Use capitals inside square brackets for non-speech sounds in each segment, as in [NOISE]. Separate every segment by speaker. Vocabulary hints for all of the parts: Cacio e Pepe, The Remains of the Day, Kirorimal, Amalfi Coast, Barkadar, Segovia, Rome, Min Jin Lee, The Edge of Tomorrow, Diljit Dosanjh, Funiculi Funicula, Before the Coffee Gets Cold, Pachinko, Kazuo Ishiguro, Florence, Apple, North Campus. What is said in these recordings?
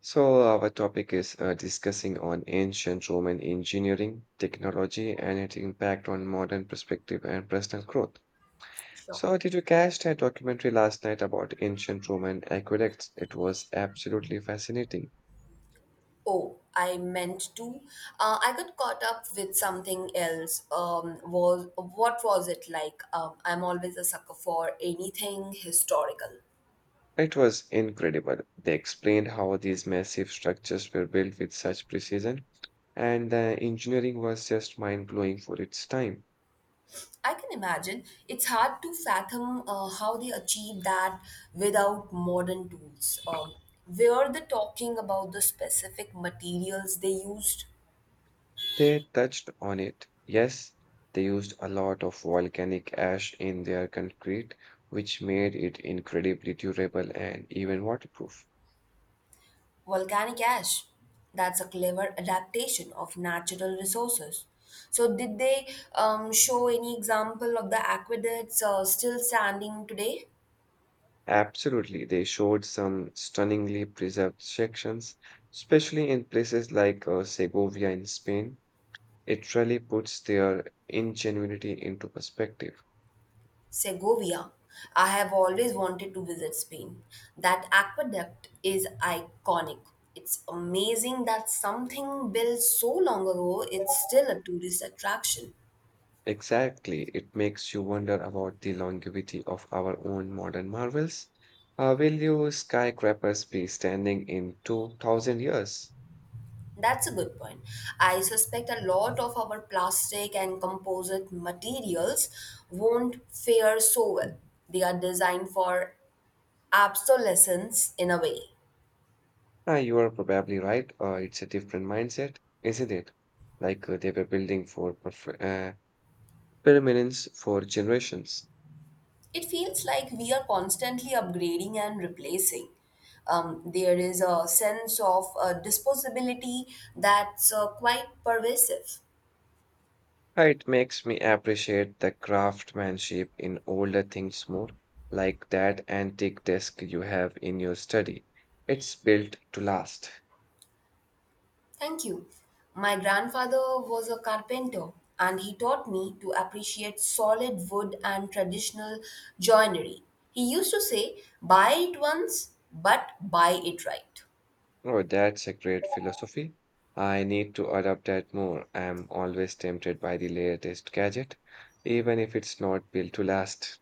Speaker 1: So, our topic is discussing on ancient Roman engineering, technology, and its impact on modern perspective and personal growth.
Speaker 2: Sure.
Speaker 1: So, did you catch that documentary last night about ancient Roman aqueducts? It was absolutely fascinating.
Speaker 2: Oh, I meant to. I got caught up with something else. Was what was it like? I'm always a sucker for anything historical.
Speaker 1: It was incredible. They explained how these massive structures were built with such precision, and the engineering was just mind blowing for its time.
Speaker 2: I can imagine it's hard to fathom how they achieve that without modern tools. Were they talking about the specific materials they used?
Speaker 1: They touched on it. Yes, they used a lot of volcanic ash in their concrete, which made it incredibly durable and even waterproof.
Speaker 2: Volcanic ash. That's a clever adaptation of natural resources. So, did they show any example of the aqueducts still standing today?
Speaker 1: Absolutely, they showed some stunningly preserved sections, especially in places like Segovia in Spain. It really puts their ingenuity into perspective.
Speaker 2: Segovia. I have always wanted to visit Spain. That aqueduct is iconic. It's amazing that something built so long ago, it's still a tourist attraction.
Speaker 1: Exactly. It makes you wonder about the longevity of our own modern marvels. Will you skyscrapers be standing in 2000 years?
Speaker 2: That's a good point. I suspect a lot of our plastic and composite materials won't fare so well. They are designed for obsolescence in a way.
Speaker 1: You are probably right. It's a different mindset, isn't it? Like they were building for permanence for generations.
Speaker 2: It feels like we are constantly upgrading and replacing. There is a sense of disposability that's quite pervasive.
Speaker 1: It makes me appreciate the craftsmanship in older things more, like that antique desk you have in your study. It's built to last.
Speaker 2: Thank you. My grandfather was a carpenter and he taught me to appreciate solid wood and traditional joinery. He used to say, buy it once, but buy it right.
Speaker 1: Oh, that's a great philosophy. I need to adopt that more. I'm always tempted by the latest gadget, even if it's not built to last.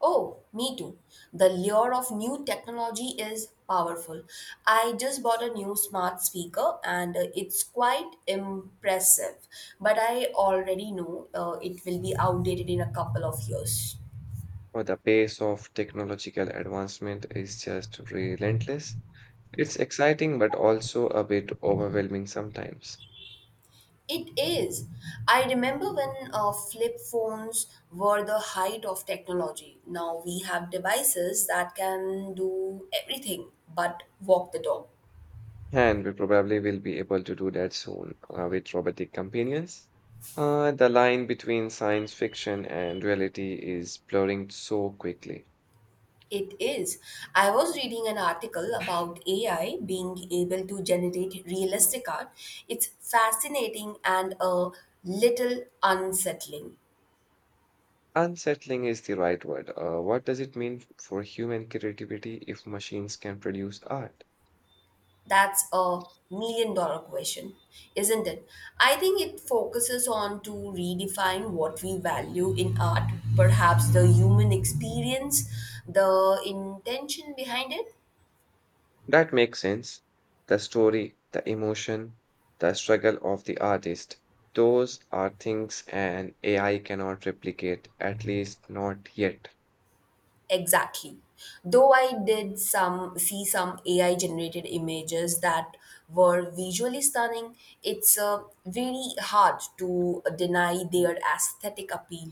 Speaker 2: Oh, me too. The lure of new technology is powerful. I just bought a new smart speaker and it's quite impressive, but I already know it will be outdated in a couple of years.
Speaker 1: Oh, the pace of technological advancement is just relentless. It's exciting, but also a bit overwhelming sometimes.
Speaker 2: It is. I remember when flip phones were the height of technology. Now we have devices that can do everything but walk the dog.
Speaker 1: And we probably will be able to do that soon with robotic companions. The line between science fiction and reality is blurring so quickly.
Speaker 2: It is. I was reading an article about AI being able to generate realistic art. It's fascinating and a little unsettling.
Speaker 1: Unsettling is the right word. What does it mean for human creativity if machines can produce art?
Speaker 2: That's a million dollar question, isn't it? I think it focuses on to redefine what we value in art, perhaps the human experience, the intention behind it.
Speaker 1: That makes sense. The story, the emotion, the struggle of the artist, those are things an AI cannot replicate, at least not yet.
Speaker 2: Exactly. Though I did some see some AI generated images that were visually stunning, it's really hard to deny their aesthetic appeal.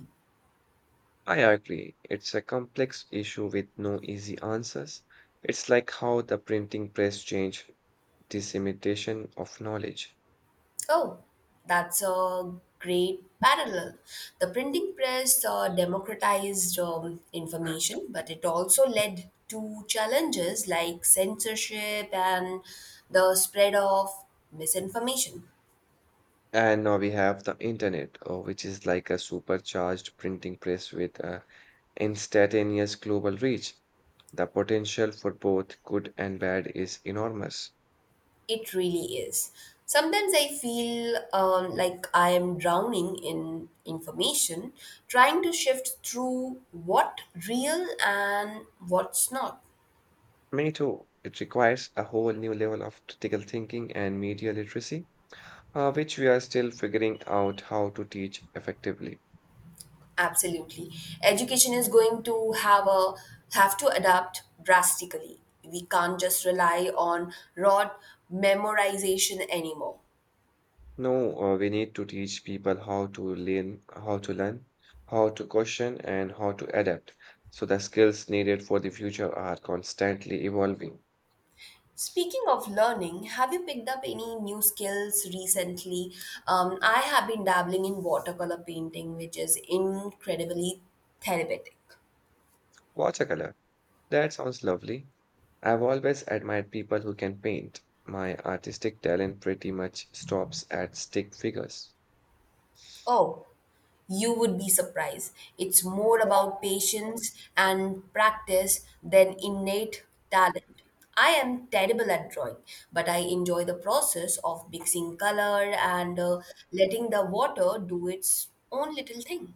Speaker 1: I agree. It's a complex issue with no easy answers. It's like how the printing press changed dissemination of knowledge.
Speaker 2: Oh, that's a great parallel. The printing press democratized information, but it also led to challenges like censorship and the spread of misinformation.
Speaker 1: And now we have the internet, which is like a supercharged printing press with a instantaneous global reach. The potential for both good and bad is enormous.
Speaker 2: It really is. Sometimes I feel like I am drowning in information, trying to shift through what real and what's not.
Speaker 1: Me too. It requires a whole new level of critical thinking and media literacy, which we are still figuring out how to teach effectively.
Speaker 2: Absolutely. Education is going to have to adapt drastically. We can't just rely on raw memorization anymore.
Speaker 1: No, we need to teach people how to learn, how to question, and how to adapt. So the skills needed for the future are constantly evolving.
Speaker 2: Speaking of learning, have you picked up any new skills recently? I have been dabbling in watercolor painting, which is incredibly therapeutic.
Speaker 1: Watercolor. That sounds lovely. I've always admired people who can paint. My artistic talent pretty much stops at stick figures.
Speaker 2: Oh, you would be surprised. It's more about patience and practice than innate talent. I am terrible at drawing, but I enjoy the process of mixing color and letting the water do its own little thing.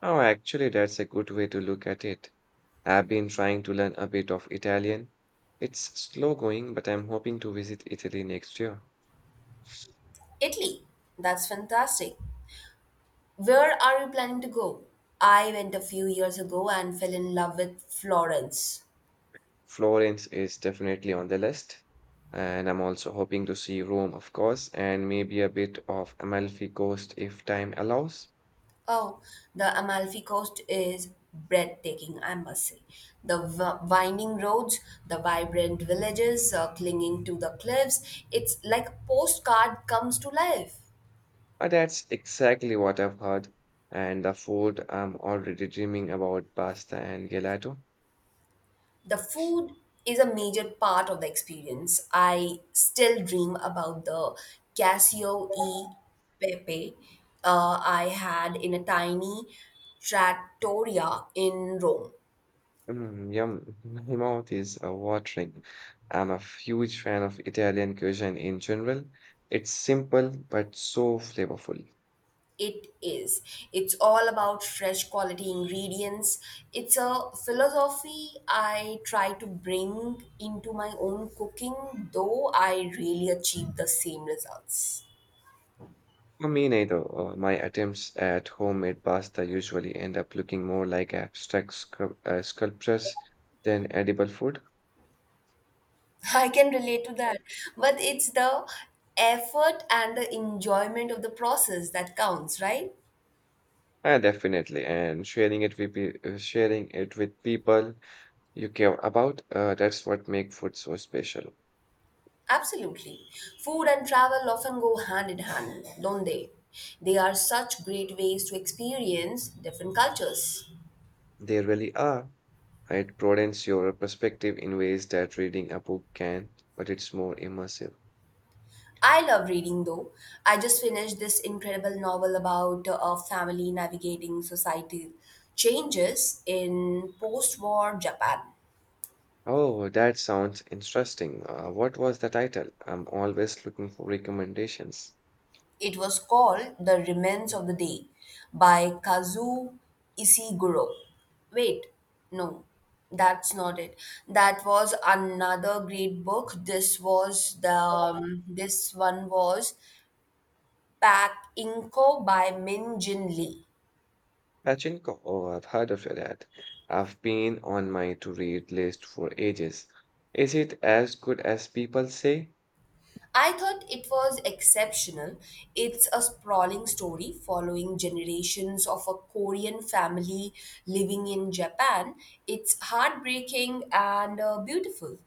Speaker 1: Oh, actually, that's a good way to look at it. I've been trying to learn a bit of Italian. It's slow going, but I'm hoping to visit Italy next year.
Speaker 2: Italy, that's fantastic. Where are you planning to go? I went a few years ago and fell in love with Florence.
Speaker 1: Florence is definitely on the list, and I'm also hoping to see Rome, of course, and maybe a bit of Amalfi Coast if time allows.
Speaker 2: Oh, the Amalfi Coast is breathtaking, I must say. The winding roads, the vibrant villages clinging to the cliffs, it's like a postcard comes to life.
Speaker 1: But that's exactly what I've heard, and the food I'm already dreaming about pasta and gelato.
Speaker 2: The food is a major part of the experience. I still dream about the Casio e Pepe I had in a tiny trattoria in Rome.
Speaker 1: Mm, yum, [LAUGHS] my mouth is watering. I'm a huge fan of Italian cuisine in general. It's simple but so flavorful.
Speaker 2: It is. It's all about fresh quality ingredients. It's a philosophy I try to bring into my own cooking, though I really achieve the same results.
Speaker 1: For me neither. My attempts at homemade pasta usually end up looking more like abstract sculptures than edible food.
Speaker 2: [LAUGHS] I can relate to that. But it's the effort and the enjoyment of the process that counts, right?
Speaker 1: Definitely, and sharing it with sharing it with people you care about, that's what make food so special.
Speaker 2: Absolutely. Food and travel often go hand in hand, don't they? They are such great ways to experience different cultures.
Speaker 1: They really are. It broadens your perspective in ways that reading a book can, but it's more immersive.
Speaker 2: I love reading though. I just finished this incredible novel about a family navigating societal changes in post war Japan.
Speaker 1: Oh, that sounds interesting. What was the title? I'm always looking for recommendations.
Speaker 2: It was called The Remains of the Day by Kazuo Ishiguro. Wait, no, that's not it. That was another great book. This one was Pack Inko by Min Jin Lee.
Speaker 1: Pachinko, oh, I've heard of that. I've been on my to-read list for ages. Is it as good as people say?
Speaker 2: I thought it was exceptional. It's a sprawling story following generations of a Korean family living in Japan. It's heartbreaking and beautiful.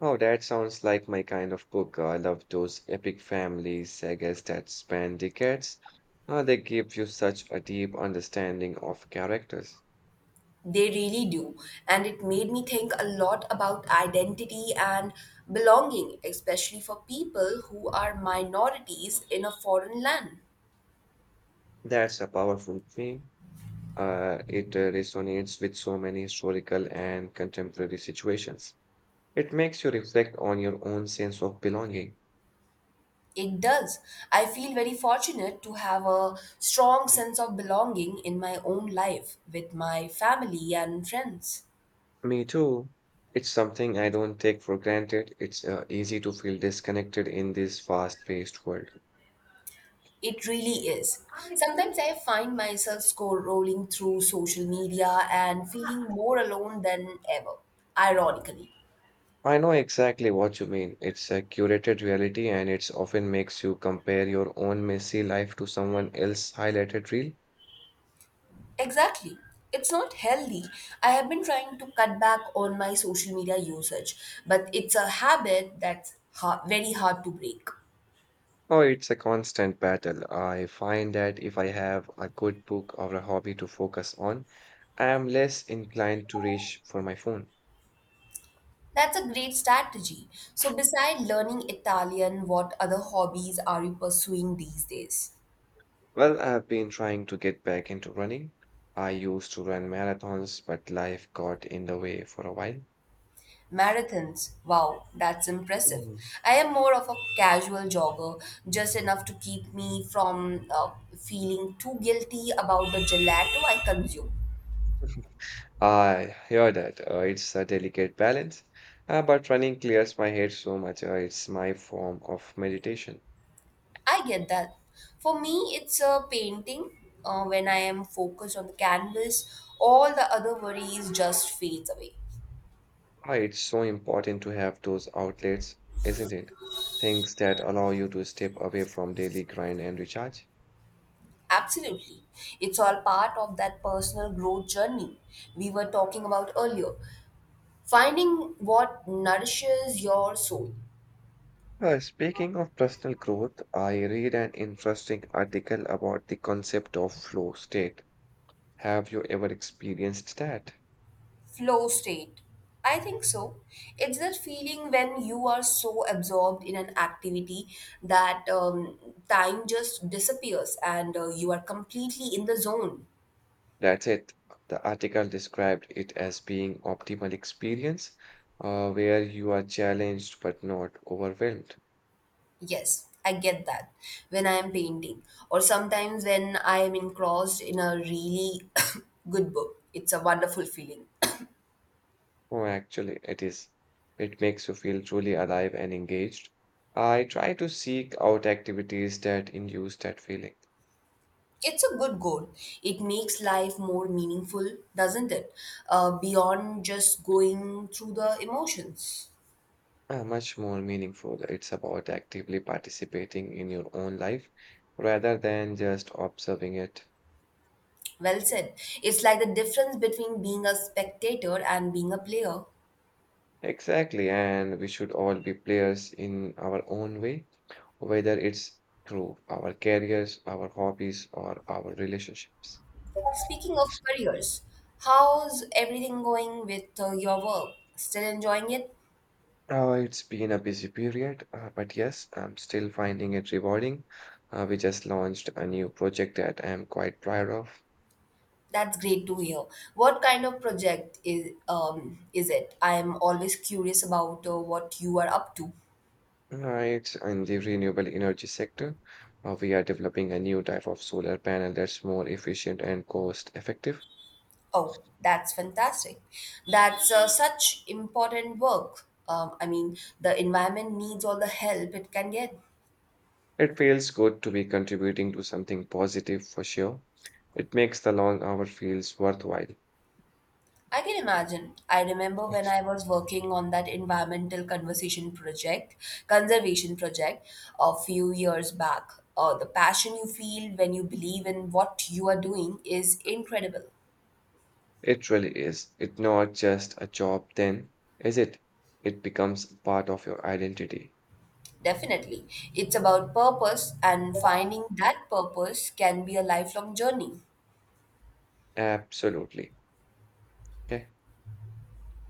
Speaker 1: Oh, that sounds like my kind of book. I love those epic family sagas that span decades. Oh, they give you such a deep understanding of characters.
Speaker 2: They really do. And it made me think a lot about identity and belonging, especially for people who are minorities in a foreign land.
Speaker 1: That's a powerful theme. It resonates with so many historical and contemporary situations. It makes you reflect on your own sense of belonging.
Speaker 2: It does. I feel very fortunate to have a strong sense of belonging in my own life with my family and friends.
Speaker 1: Me too. It's something I don't take for granted. It's easy to feel disconnected in this fast-paced world.
Speaker 2: It really is. Sometimes I find myself scrolling through social media and feeling more alone than ever, ironically.
Speaker 1: I know exactly what you mean. It's a curated reality and it's often makes you compare your own messy life to someone else's highlighted reel.
Speaker 2: Exactly. It's not healthy. I have been trying to cut back on my social media usage, but it's a habit that's ha very hard to break.
Speaker 1: Oh, it's a constant battle. I find that if I have a good book or a hobby to focus on, I am less inclined to reach for my phone.
Speaker 2: That's a great strategy. So, beside learning Italian, what other hobbies are you pursuing these days?
Speaker 1: Well, I've been trying to get back into running. I used to run marathons, but life got in the way for a while.
Speaker 2: Marathons. Wow, that's impressive.
Speaker 1: Mm.
Speaker 2: I am more of a casual jogger, just enough to keep me from feeling too guilty about the gelato I consume.
Speaker 1: I hear that. It's a delicate balance, but running clears my head so much. It's my form of meditation.
Speaker 2: I get that. For me, it's a painting. When I am focused on the canvas, all the other worries just fades away.
Speaker 1: It's so important to have those outlets, isn't it? Things that allow you to step away from daily grind and recharge.
Speaker 2: Absolutely. It's all part of that personal growth journey we were talking about earlier. Finding what nourishes your soul.
Speaker 1: Speaking of personal growth, I read an interesting article about the concept of flow state. Have you ever experienced that?
Speaker 2: Flow state. I think so. It's that feeling when you are so absorbed in an activity that time just disappears and you are completely in the zone.
Speaker 1: That's it. The article described it as being optimal experience, where you are challenged but not overwhelmed.
Speaker 2: Yes, I get that when I am painting, or sometimes when I am engrossed in a really [COUGHS] good book. It's a wonderful feeling.
Speaker 1: Oh, actually, it is. It makes you feel truly alive and engaged. I try to seek out activities that induce that feeling.
Speaker 2: It's a good goal. It makes life more meaningful, doesn't it? Beyond just going through the emotions.
Speaker 1: Much more meaningful. It's about actively participating in your own life rather than just observing it.
Speaker 2: Well said. It's like the difference between being a spectator and being a player.
Speaker 1: Exactly, and we should all be players in our own way, whether it's through our careers, our hobbies, or our relationships.
Speaker 2: Speaking of careers, how's everything going with your work? Still enjoying it?
Speaker 1: It's been a busy period, but yes, I'm still finding it rewarding. We just launched a new project that I'm quite proud of.
Speaker 2: That's great to hear. What kind of project is it? I am always curious about what you are up to.
Speaker 1: Uh, it's in the renewable energy sector. We are developing a new type of solar panel that's more efficient and cost effective.
Speaker 2: Oh, that's fantastic. That's such important work. I mean, the environment needs all the help it can get.
Speaker 1: It feels good to be contributing to something positive for sure. It makes the long hour feels worthwhile.
Speaker 2: I can imagine. I remember when I was working on that conservation project, a few years back. The passion you feel when you believe in what you are doing is incredible.
Speaker 1: It really is. It's not just a job then, is it? It becomes part of your identity.
Speaker 2: Definitely. It's about purpose, and finding that purpose can be a lifelong journey.
Speaker 1: Absolutely. Yeah,